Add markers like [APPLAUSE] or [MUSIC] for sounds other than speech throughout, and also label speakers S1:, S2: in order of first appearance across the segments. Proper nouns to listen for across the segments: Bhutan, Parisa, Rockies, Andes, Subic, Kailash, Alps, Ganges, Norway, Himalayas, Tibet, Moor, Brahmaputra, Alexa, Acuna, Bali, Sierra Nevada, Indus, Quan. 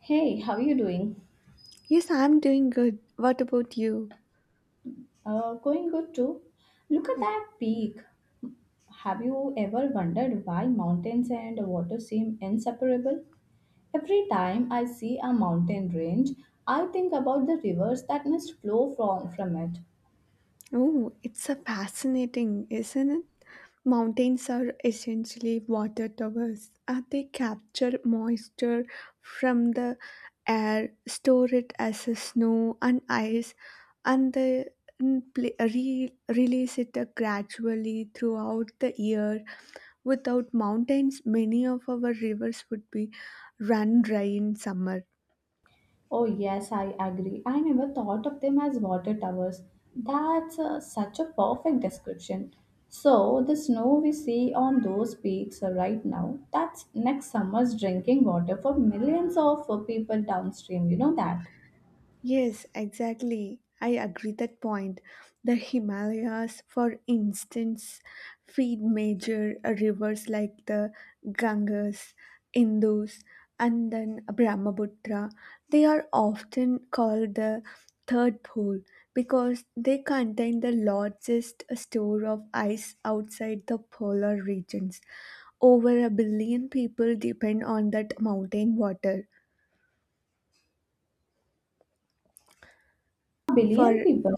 S1: Hey, how are you doing?
S2: Yes, I'm doing good. What about you?
S1: Going good too. Look at that peak. Have you ever wondered why mountains and water seem inseparable? Every time I see a mountain range, I think about the rivers that must flow from it.
S2: Oh, it's a fascinating, isn't it? Mountains are essentially water towers. They capture moisture from the air, store it as a snow and ice, and they release it gradually throughout the year. Without mountains, many of our rivers would be run dry in summer.
S1: Oh, yes, I agree. I never thought of them as water towers. That's such a perfect description. So, the snow we see on those peaks right now, that's next summer's drinking water for millions of people downstream. You know that?
S2: Yes, exactly. I agree that point. The Himalayas, for instance, feed major rivers like the Ganges, Indus, and then Brahmaputra. They are often called the third pole because they contain the largest store of ice outside the polar regions. Over a billion people depend on that mountain water.
S1: A billion
S2: For
S1: people?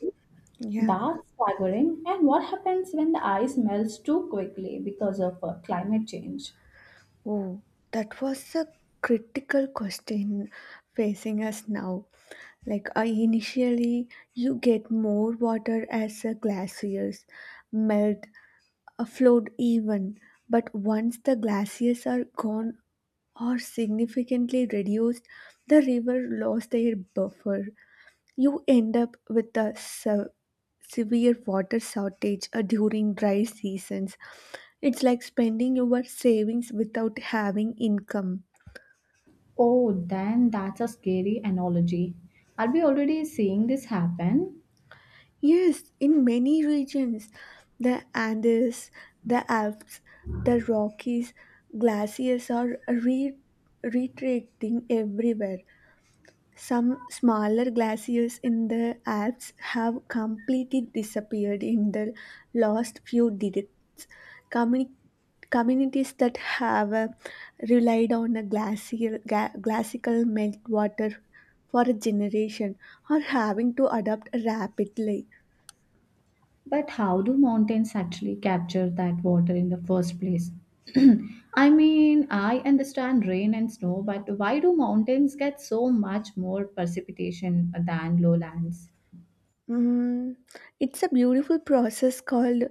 S2: yeah.
S1: That's staggering. And what happens when the ice melts too quickly because of climate change?
S2: Oh, that was a critical question facing us now. Like I initially, you get more water as a glaciers melt, a float even, but once the glaciers are gone or significantly reduced, the river lost their buffer. You end up with a severe water shortage during dry seasons. It's like spending your savings without having income.
S1: Oh, then that's a scary analogy. Are we already seeing this happen?
S2: Yes, in many regions, the Andes, the Alps, the Rockies, glaciers are retreating everywhere. Some smaller glaciers in the Alps have completely disappeared in the last few decades. Communi- Communities that have relied on a glacial, glacial meltwater for a generation are having to adapt rapidly.
S1: But how do mountains actually capture that water in the first place? [CLEARS THROAT] I mean, I understand rain and snow, but why do mountains get so much more precipitation than lowlands?
S2: Mm, it's a beautiful process called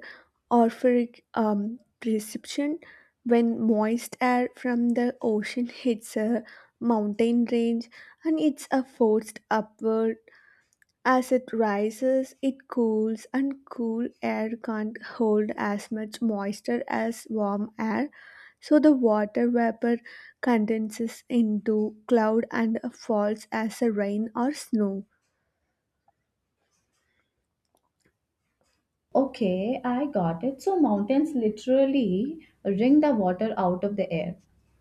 S2: orphoric precipation when moist air from the ocean hits a mountain range and it's a forced upward. As it rises, it cools, and cool air can't hold as much moisture as warm air, so the water vapor condenses into cloud and falls as a rain or snow.
S1: Okay, I got it. So, mountains literally wring the water out of the air.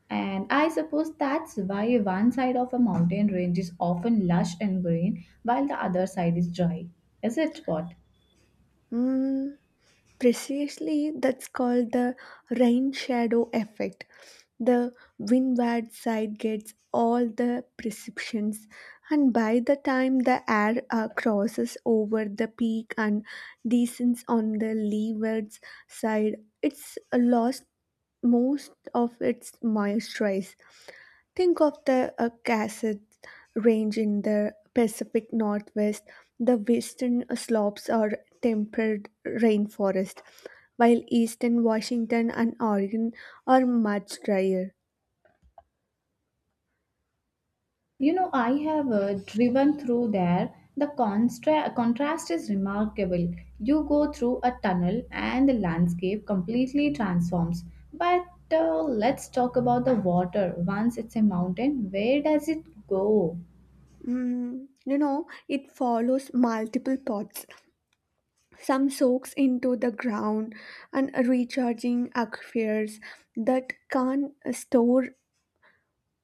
S1: And I suppose that's why one side of a mountain range is often lush and green, while the other side is dry. Is it what?
S2: Mm. Precisely, that's called the rain shadow effect. The windward side gets all the perceptions, and by the time the air crosses over the peak and descends on the leeward side, it's lost most of its moisturize. Think of the Cascade Range in the Pacific Northwest. The western slopes are temperate rainforest, while eastern Washington and Oregon are much drier.
S1: You know, I have driven through there. The contrast is remarkable. You go through a tunnel and the landscape completely transforms. But Let's talk about the water. Once it's a mountain, where does it go?
S2: Mm, you know, it follows multiple paths. Some soaks into the ground and recharging aquifers that can store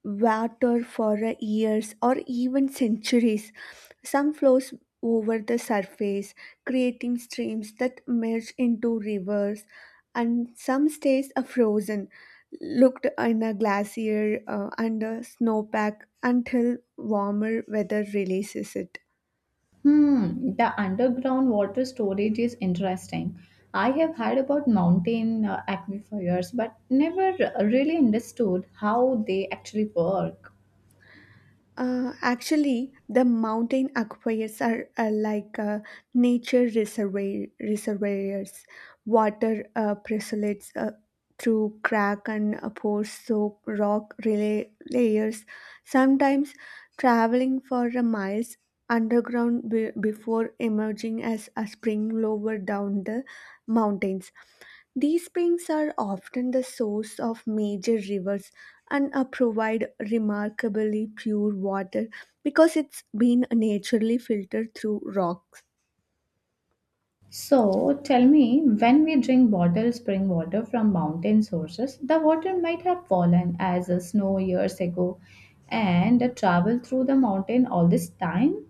S2: water for a years or even centuries. Some flows over the surface, creating streams that merge into rivers, and some stays are frozen, looked in a glacier under snowpack until warmer weather releases it.
S1: Hmm, the underground water storage is interesting. I have heard about mountain aquifers, but never really understood how they actually work.
S2: Actually, the mountain aquifers are like nature reservoirs. Water precipitates through crack and pores, so rock relay layers. Sometimes traveling for miles underground before emerging as a spring lower down the mountains. These springs are often the source of major rivers and provide remarkably pure water because it's been naturally filtered through rocks.
S1: So tell me, when we drink bottled spring water from mountain sources, the water might have fallen as a snow years ago and traveled through the mountain all this time.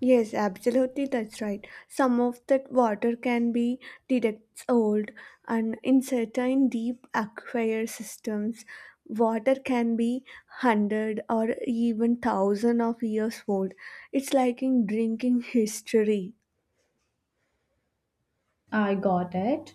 S2: Yes, absolutely, that's right. Some of that water can be decades old, and in certain deep aquifer systems, water can be hundred or even thousand of years old. It's like in drinking history.
S1: I got it.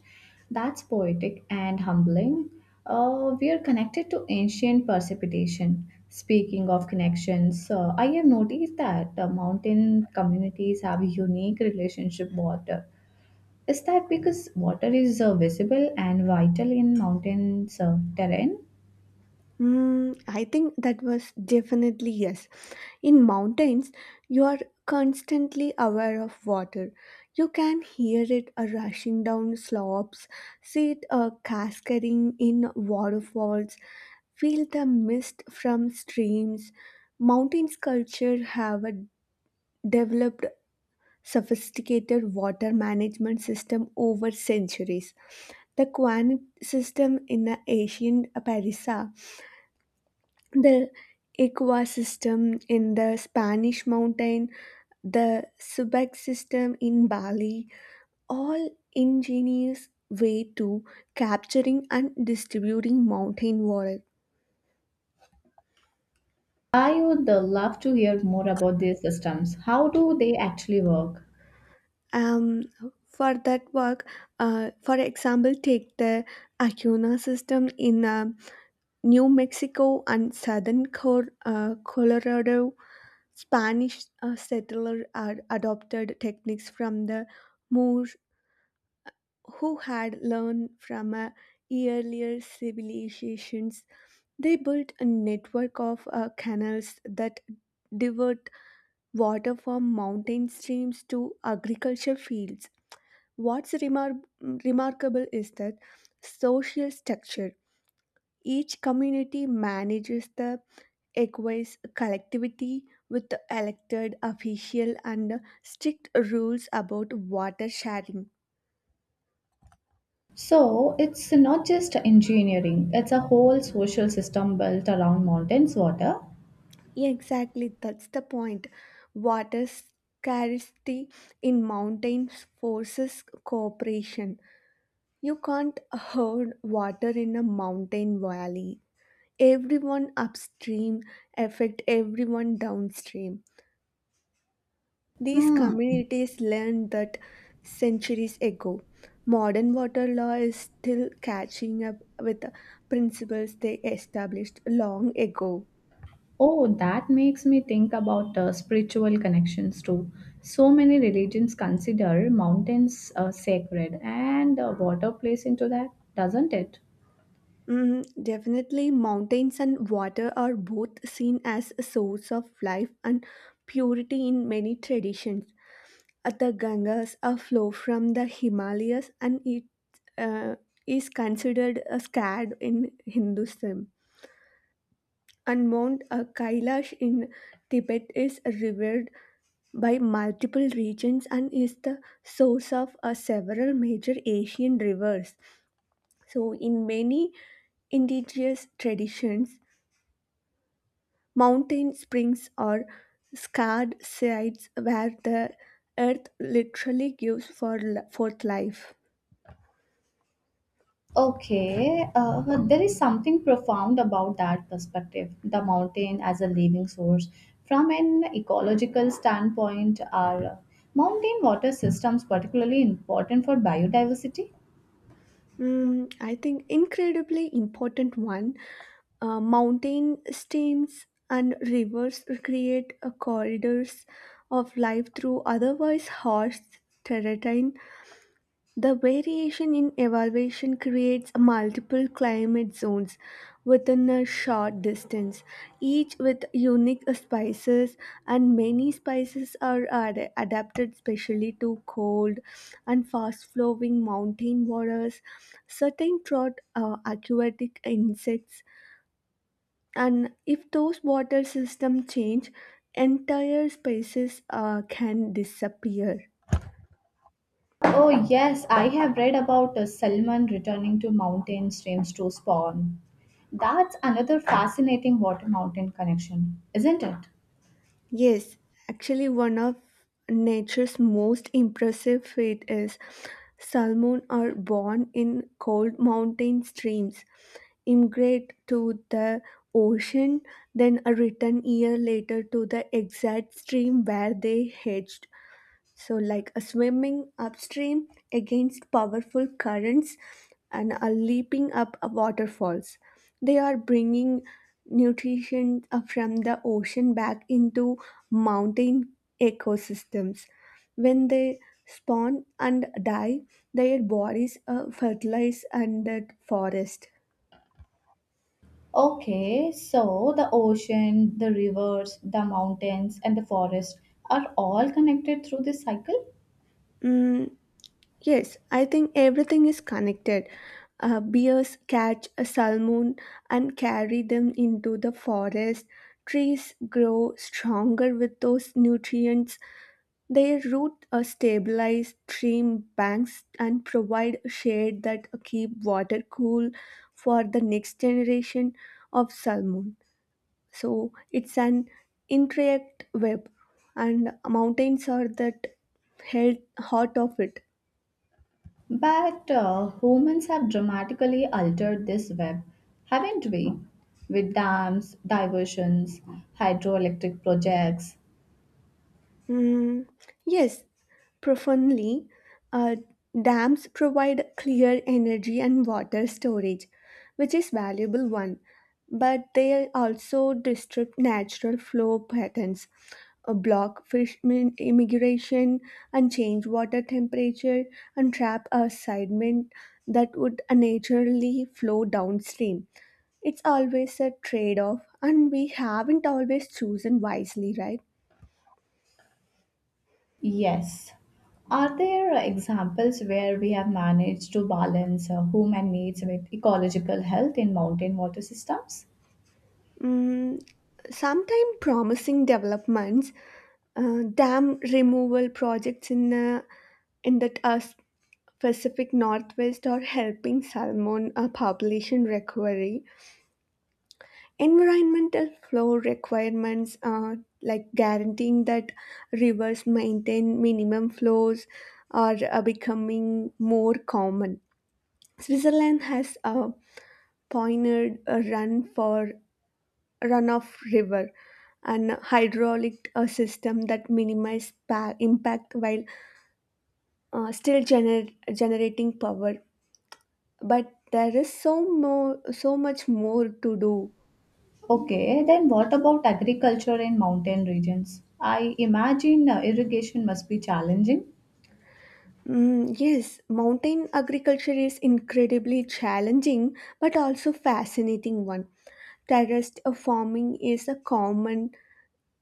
S1: That's poetic and humbling. We are connected to ancient precipitation. Speaking of connections, I have noticed that mountain communities have a unique relationship with water. Is that because water is visible and vital in mountains terrain?
S2: Mm, I think that was definitely yes. In mountains, you are constantly aware of water. You can hear it rushing down slopes, see it cascading in waterfalls, feel the mist from streams. Mountains culture have a developed sophisticated water management system over centuries. The Quan system in the ancient Parisa, the ecosystem in the Spanish mountain, the Subic system in Bali, all ingenious way to capturing and distributing mountain water.
S1: I would love to hear more about these systems. How do they actually work?
S2: Um, for that work, for example, take the Acuna system in New Mexico and southern Colorado. Spanish settlers adopted techniques from the Moor who had learned from earlier civilizations. They built a network of canals that divert water from mountain streams to agriculture fields. What's remarkable is that social structure. Each community manages the aqueous collectivity with elected official and strict rules about water sharing.
S1: So, it's not just engineering, it's a whole social system built around mountains water.
S2: Yeah, exactly. That's the point. Water scarcity in mountains forces cooperation. You can't hoard water in a mountain valley. Everyone upstream affect everyone downstream. These
S1: Hmm.
S2: communities learned that centuries ago. Modern water law is still catching up with the principles they established long ago.
S1: Oh, that makes me think about spiritual connections too. So many religions consider mountains sacred, and water plays into that, doesn't it?
S2: Hmm. Definitely, mountains and water are both seen as a source of life and purity in many traditions. The Gangas a flow from the Himalayas and it uh, is considered a sacred in Hinduism. And Mount Kailash in Tibet is revered by multiple regions and is the source of several major Asian rivers. So, in many indigenous traditions, mountain springs are scarred sites where the earth literally gives forth life.
S1: Okay, there is something profound about that perspective. The mountain as a living source. From an ecological standpoint, are mountain water systems particularly important for biodiversity?
S2: Mm, I think incredibly important one. Mountain streams and rivers create corridors of life through otherwise harsh terrain. The variation in elevation creates multiple climate zones within a short distance, each with unique spices, and many spices are adapted specially to cold and fast flowing mountain waters, certain drought aquatic insects, and if those water systems change, entire species can disappear.
S1: Oh, yes, I have read about a salmon returning to mountain streams to spawn. That's another fascinating water mountain connection, isn't it?
S2: Yes, actually, one of nature's most impressive feat is salmon are born in cold mountain streams, immigrate to the ocean, then are return year later to the exact stream where they hatched. So, like a swimming upstream against powerful currents and a leaping up a waterfalls, they are bringing nutrition from the ocean back into mountain ecosystems. When they spawn and die, their bodies are fertilized under forest.
S1: Okay, so the ocean, the rivers, the mountains, and the forest are all connected through this cycle.
S2: Mm, yes, I think everything is connected. Bears catch a salmon and carry them into the forest. Trees grow stronger with those nutrients. Their roots stabilize stream banks and provide shade that keep water cool for the next generation of salmon. So it's an intricate web, and mountains are that held heart of it.
S1: But Humans have dramatically altered this web, haven't we? With dams, diversions, hydroelectric projects.
S2: Mm, yes, profoundly. Uh, Dams provide clear energy and water storage, which is valuable one, but they also disrupt natural flow patterns, block fish immigration, and change water temperature, and trap a sediment that would naturally flow downstream. It's always a trade-off, and we haven't always chosen wisely, right?
S1: Yes. Are there examples where we have managed to balance human needs with ecological health in mountain water systems?
S2: Mm, sometime promising developments, dam removal projects in the Pacific Northwest are helping salmon population recovery. Environmental flow requirements, like guaranteeing that rivers maintain minimum flows, are becoming more common. Switzerland has pioneered a run for runoff river and hydraulic system that minimize impact while still generating power, but there is so much more to do.
S1: Okay, then what about agriculture in mountain regions? I imagine irrigation must be challenging.
S2: Mm, yes, mountain agriculture is incredibly challenging but also fascinating one. Terraced farming is a common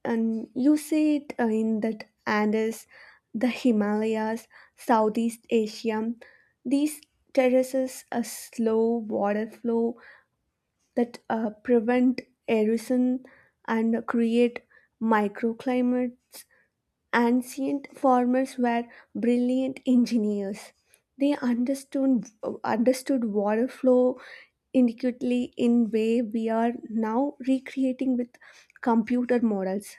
S2: and you see it in the Andes, the Himalayas, Southeast Asia. These terraces a slow water flow that prevent erosion and create microclimates. Ancient farmers were brilliant engineers. They understood water flow intricately in way we are now recreating with computer models.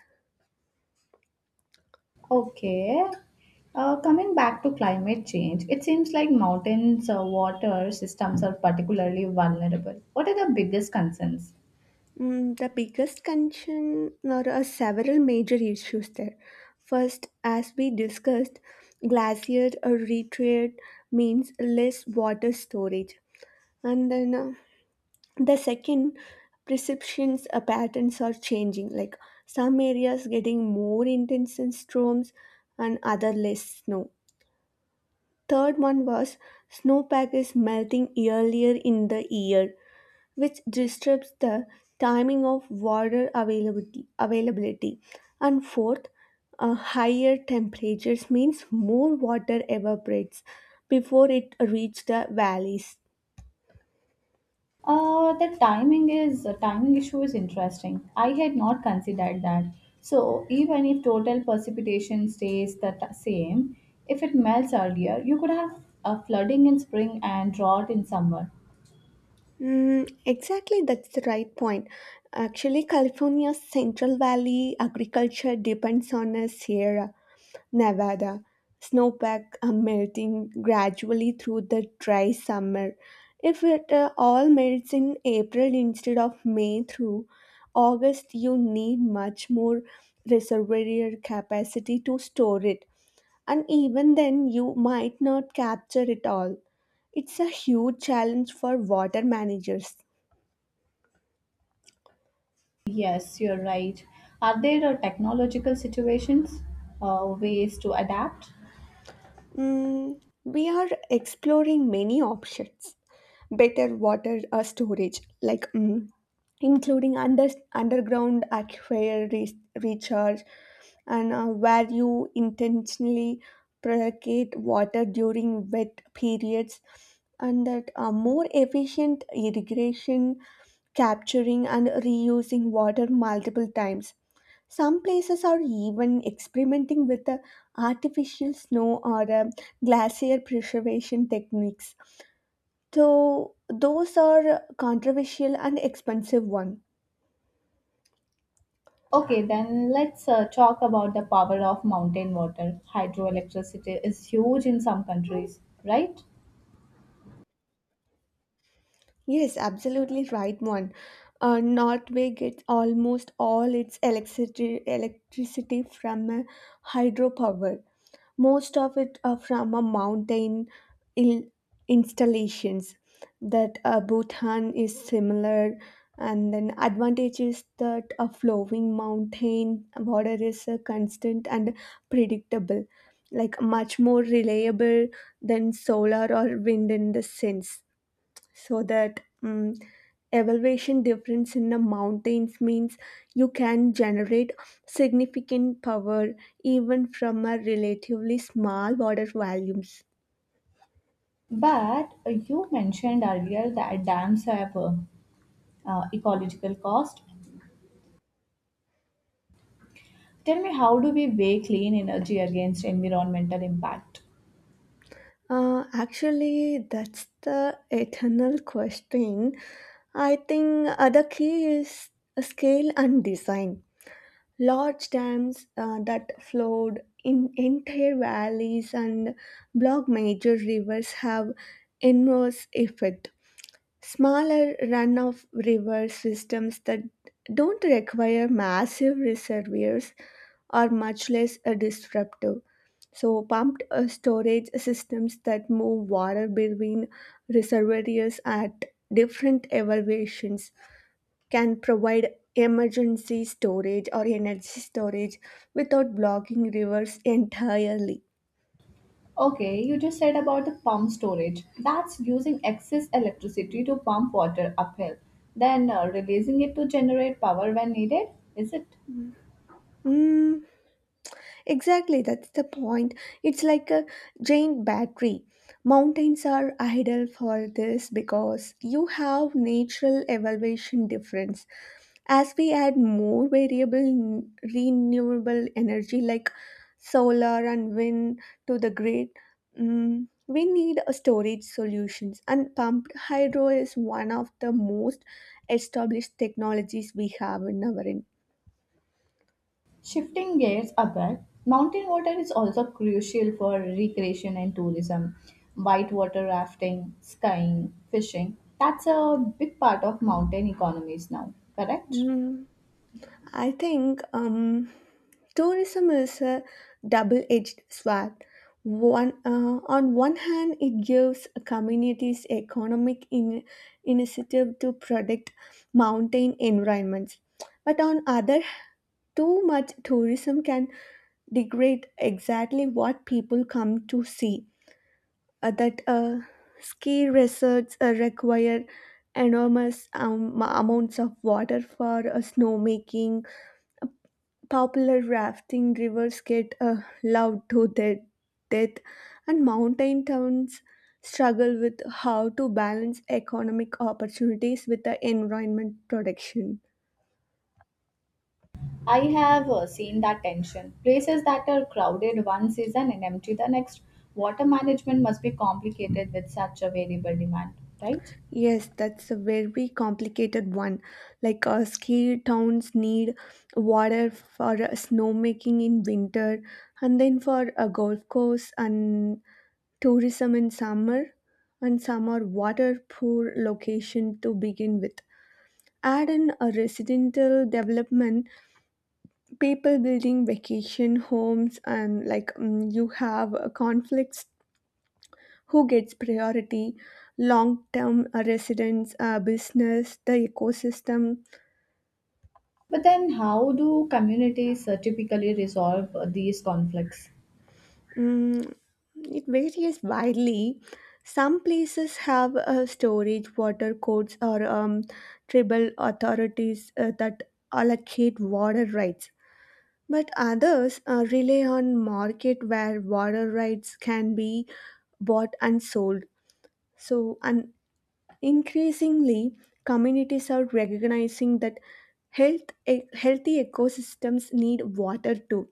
S1: Okay. Coming back to climate change, it seems like mountains' water systems are particularly vulnerable. What are the biggest concerns?
S2: Mm, the biggest concern there are several major issues there. First, as we discussed, glacier or retreat means less water storage. And then the second, perceptions patterns are changing, like some areas getting more intense in storms and other less snow. Third one was snowpack is melting earlier in the year which disrupts the timing of water availability. And fourth, higher temperatures means more water evaporates before it reaches the valleys.
S1: The timing is timing issue is interesting. I had not considered that. So even if total precipitation stays the same, if it melts earlier, you could have a flooding in spring and drought in summer.
S2: Mm, exactly, that's the right point. Actually, California's Central Valley agriculture depends on a Sierra Nevada. Snowpack are melting gradually through the dry summer. If it all melts in April instead of May through August, you need much more reservoir capacity to store it. And even then, you might not capture it all. It's a huge challenge for water managers.
S1: Yes, you're right. Are there technological situations, ways to adapt?
S2: Mm, we are exploring many options. Better water storage, like including underground aquifer recharge, and where you intentionally precate water during wet periods, and that more efficient irrigation, capturing and reusing water multiple times. Some places are even experimenting with the artificial snow or glacier preservation techniques, so those are controversial and expensive one.
S1: Okay, then let's talk about the power of mountain water. Hydroelectricity is huge in some countries, right?
S2: Yes, absolutely right one. Norway gets almost all its electricity from hydropower. Most of it are from a mountain il- installations. That Bhutan is similar, and then advantage is that a flowing mountain water is constant and predictable, like much more reliable than solar or wind in the sense, so that elevation difference in the mountains means you can generate significant power even from a relatively small water volumes.
S1: But You mentioned earlier that dams have ecological cost. Tell me, how do we weigh clean energy against environmental impact?
S2: Uh, actually that's the eternal question. I think the key is scale and design. Large dams that flowed in entire valleys and block major rivers have enormous effect. Smaller run of river systems that don't require massive reservoirs are much less disruptive. So, pumped storage systems that move water between reservoirs at different elevations can provide emergency storage or energy storage without blocking rivers entirely.
S1: Okay, you just said about the pump storage. That's using excess electricity to pump water uphill, then releasing it to generate power when needed, is it?
S2: Mm, exactly, that's the point. It's like a giant battery. Mountains are ideal for this because you have natural elevation difference. As we add more variable renewable energy like solar and wind to the grid, we need a storage solutions, and pumped hydro is one of the most established technologies we have in our in.
S1: Shifting gears a bit, mountain water is also crucial for recreation and tourism. Whitewater rafting, skiing, fishing, that's a big part of mountain economies now, correct?
S2: Mm. I think tourism is a double-edged sword. One, on one hand, it gives communities economic initiative to protect mountain environments, but on other, too much tourism can degrade exactly what people come to see. That ski resorts require enormous amounts of water for snowmaking. Popular rafting rivers get loved to their death, and mountain towns struggle with how to balance economic opportunities with the environment protection.
S1: I have seen that tension. Places that are crowded one season and empty the next, water management must be complicated with such a variable demand, right?
S2: Yes, that's a very complicated one. Like ski towns need water for snowmaking in winter, and then for a golf course and tourism in summer, and some are water poor location to begin with. Add in a residential development, people building vacation homes, and like you have conflicts who gets priority, long term residents, business, the ecosystem.
S1: But then, how do communities typically resolve these conflicts?
S2: Mm, it varies widely. Some places have storage, water codes, or tribal authorities that allocate water rights. But others rely on market where water rights can be bought and sold. So, and increasingly, communities are recognizing that healthy ecosystems need water too,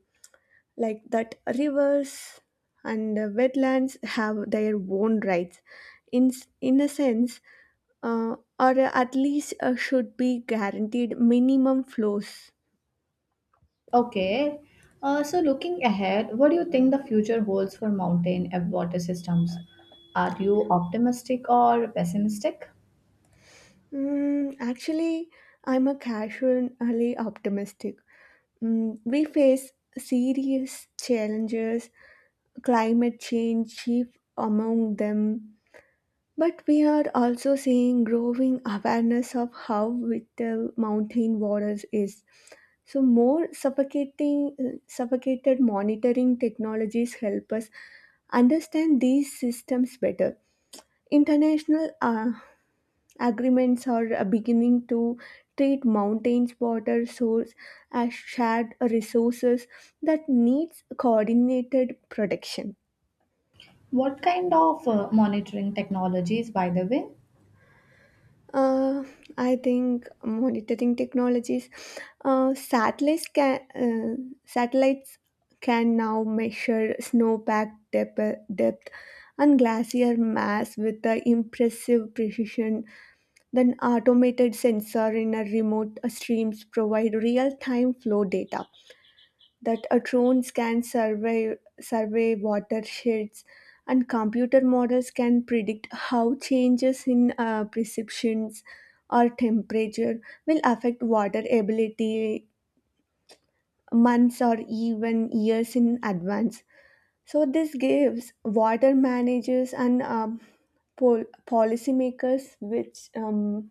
S2: like that rivers and wetlands have their own rights. In a sense, or at least should be guaranteed minimum flows.
S1: Okay. So looking ahead, what do you think the future holds for mountain and water systems? Are you optimistic or pessimistic?
S2: Mm, actually, I'm a casually optimistic. Mm, we face serious challenges, climate change chief among them. But we are also seeing growing awareness of how vital mountain waters is. So more suffocating suffocated monitoring technologies help us understand these systems better. International agreements are beginning to treat mountains water source as shared resources that needs coordinated protection.
S1: What kind of monitoring technologies, by the way?
S2: Uh, I think monitoring technologies, uh, satellites can uh, satellites can now measure snowpack depth and glacier mass with the impressive precision. Then automated sensor in a remote streams provide real time flow data, that a drones can survey watersheds, and computer models can predict how changes in precipitations or temperature will affect water ability months or even years in advance. So this gives water managers and policymakers which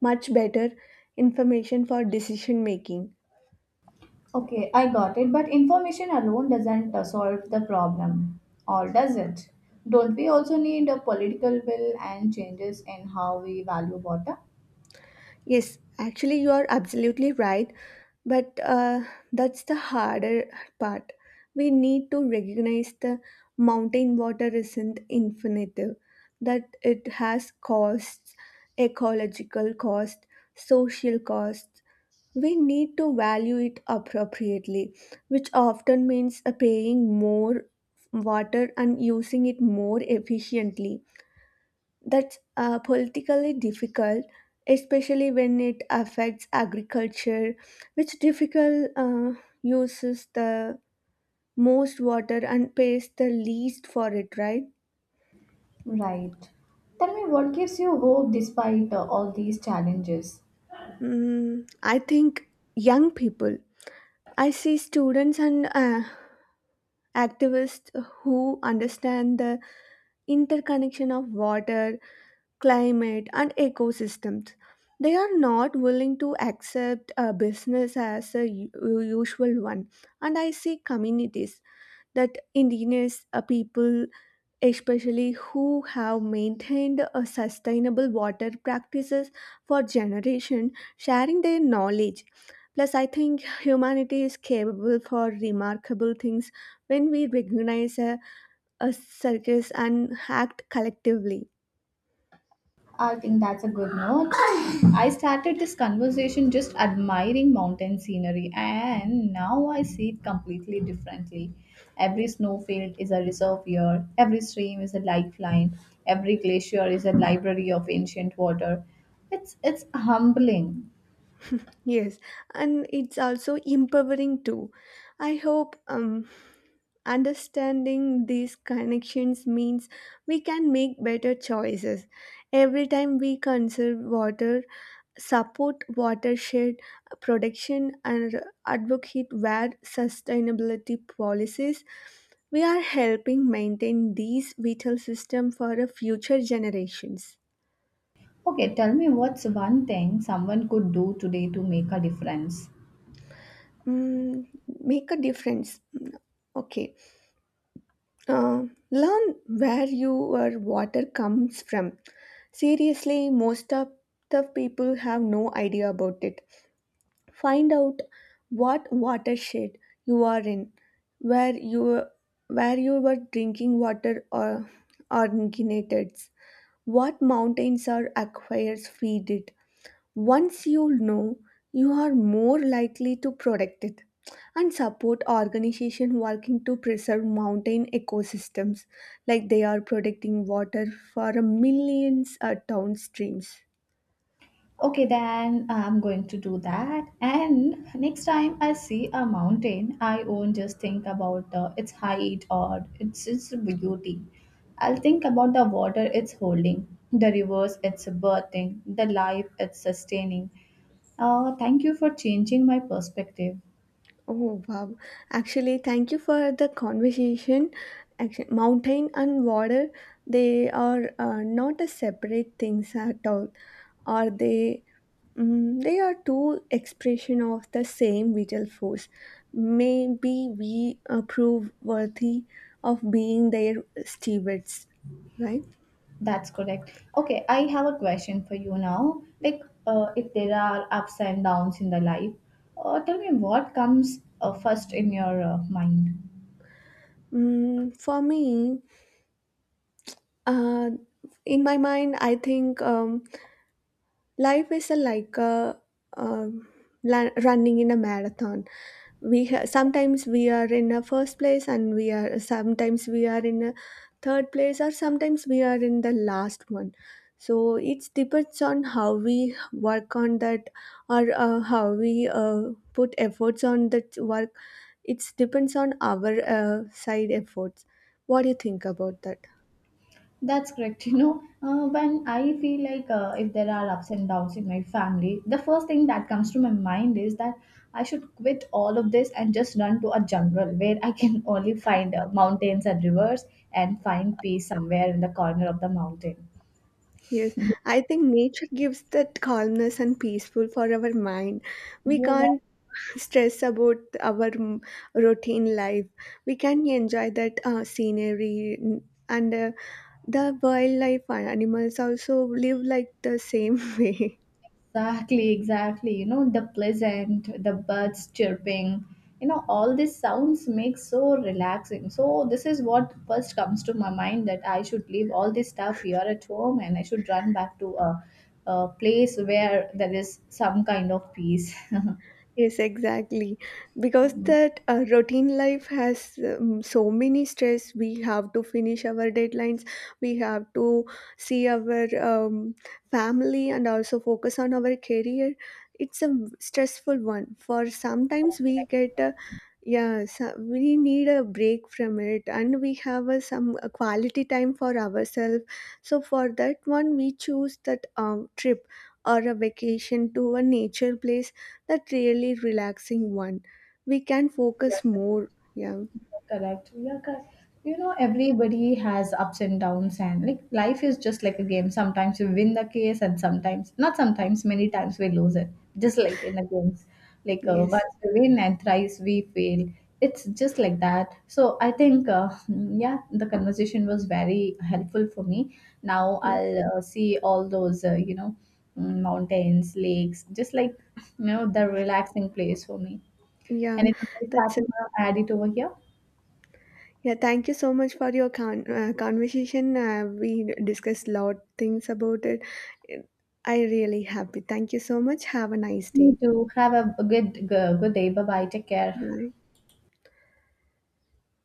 S2: much better information for decision making.
S1: Okay, I got it, but information alone doesn't solve the problem, or does it? Don't we also need a political will and changes in how we value water?
S2: Yes, actually, you are absolutely right. But that's the harder part. We need to recognize the mountain water isn't infinite, that it has costs, ecological cost, social costs. We need to value it appropriately, which often means paying more water and using it more efficiently. That's politically difficult, especially when it affects agriculture, which difficult uses the most water and pays the least for it, right?
S1: Right. Tell me what gives you hope despite all these challenges?
S2: Mm, I think young people. I see students and activists who understand the interconnection of water, climate, and ecosystems. They are not willing to accept a business as usual one. And I see communities that indigenous people, especially who have maintained a sustainable water practices for generation, sharing their knowledge. Plus, I think humanity is capable for remarkable things when we recognize a circus and act collectively.
S1: I think that's a good note. I started this conversation just admiring mountain scenery, and now I see it completely differently. Every snowfield is a reservoir, every stream is a lifeline, every glacier is a library of ancient water. It's humbling.
S2: Yes, and it's also empowering too. I hope understanding these connections means we can make better choices. Every time we conserve water, support watershed protection, and advocate where sustainability policies, we are helping maintain these vital systems for the future generations.
S1: Okay, tell me what's one thing someone could do today to make a difference?
S2: Mm, make a difference. Okay. Uh, Learn where your water comes from. Seriously, most of the people have no idea about it. Find out what watershed you are in, where you where your drinking water or originated, what mountains or aquifers feed it. Once you know, you are more likely to protect it and support organization working to preserve mountain ecosystems, like they are protecting water for a millions downstreams.
S1: Okay, then I'm going to do that. And next time I see a mountain, I won't just think about its height or its beauty. I'll think about the water it's holding, the rivers it's birthing, the life it's sustaining. Thank you for changing my perspective.
S2: Oh wow! Actually, thank you for the conversation. Actually, mountain and water, they are not a separate things at all. Are they? Mm, they are two expression of the same vital force. Maybe we prove worthy of being their stewards, right?
S1: That's correct. Okay, I have a question for you now. Like, if there are ups and downs in the life, tell me what comes first in your mind.
S2: Mm, for me, uh, in my mind, I think. Life is like a um, running in a marathon. Sometimes we are in a first place, and we are sometimes we are in a third place, or sometimes we are in the last one. So it depends on how we work on that, or how we put efforts on that work. It depends on our side efforts. What do you think about that?
S1: That's correct. [LAUGHS] You know, when I feel like if there are ups and downs in my family, the first thing that comes to my mind is that I should quit all of this and just run to a jungle where I can [LAUGHS] only find mountains and rivers and find peace somewhere in the corner of the mountain.
S2: Yes, I think nature gives that calmness and peaceful for our mind. We can't
S1: [LAUGHS]
S2: stress about our routine life. We can enjoy that scenery and the wildlife and animals also live like the same [LAUGHS] way.
S1: Exactly, exactly. You know, the pleasant, the birds chirping, you know, all these sounds make so relaxing. So this is what first comes to my mind that I should leave all this stuff here at home and I should run back to a place where there is some kind of peace.
S2: Yes, exactly. Because that routine life has so many stress. We have to finish our deadlines. We have to see our family and also focus on our career. It's a stressful one. For sometimes we get
S1: [LAUGHS]
S2: a yeah, so we need a break from it, and we have a, some a quality time for ourselves. So for that one, we choose that trip or a vacation to a nature place that really relaxing one. We can focus more. Yeah.
S1: Correct. Yeah, correct. You know, everybody has ups and downs, and like life is just like a game. Sometimes you win the case, and sometimes, not sometimes, many times we lose it. Just like in the games, like
S2: Yes.
S1: once we win and thrice we fail. It's just like that. So I think, yeah, the conversation was very helpful for me. Now
S2: Yeah.
S1: I'll see all those, mountains, lakes, just like you know, the relaxing place for me.
S2: Yeah.
S1: Anything else that
S2: That's it.
S1: you want to add it over here?
S2: Yeah. Thank you so much for your conversation. We discussed a lot things about it. I really happy. Thank you so much. Have a nice
S1: Me
S2: day.
S1: too. Have a good day. Bye bye. Take care.
S2: Bye.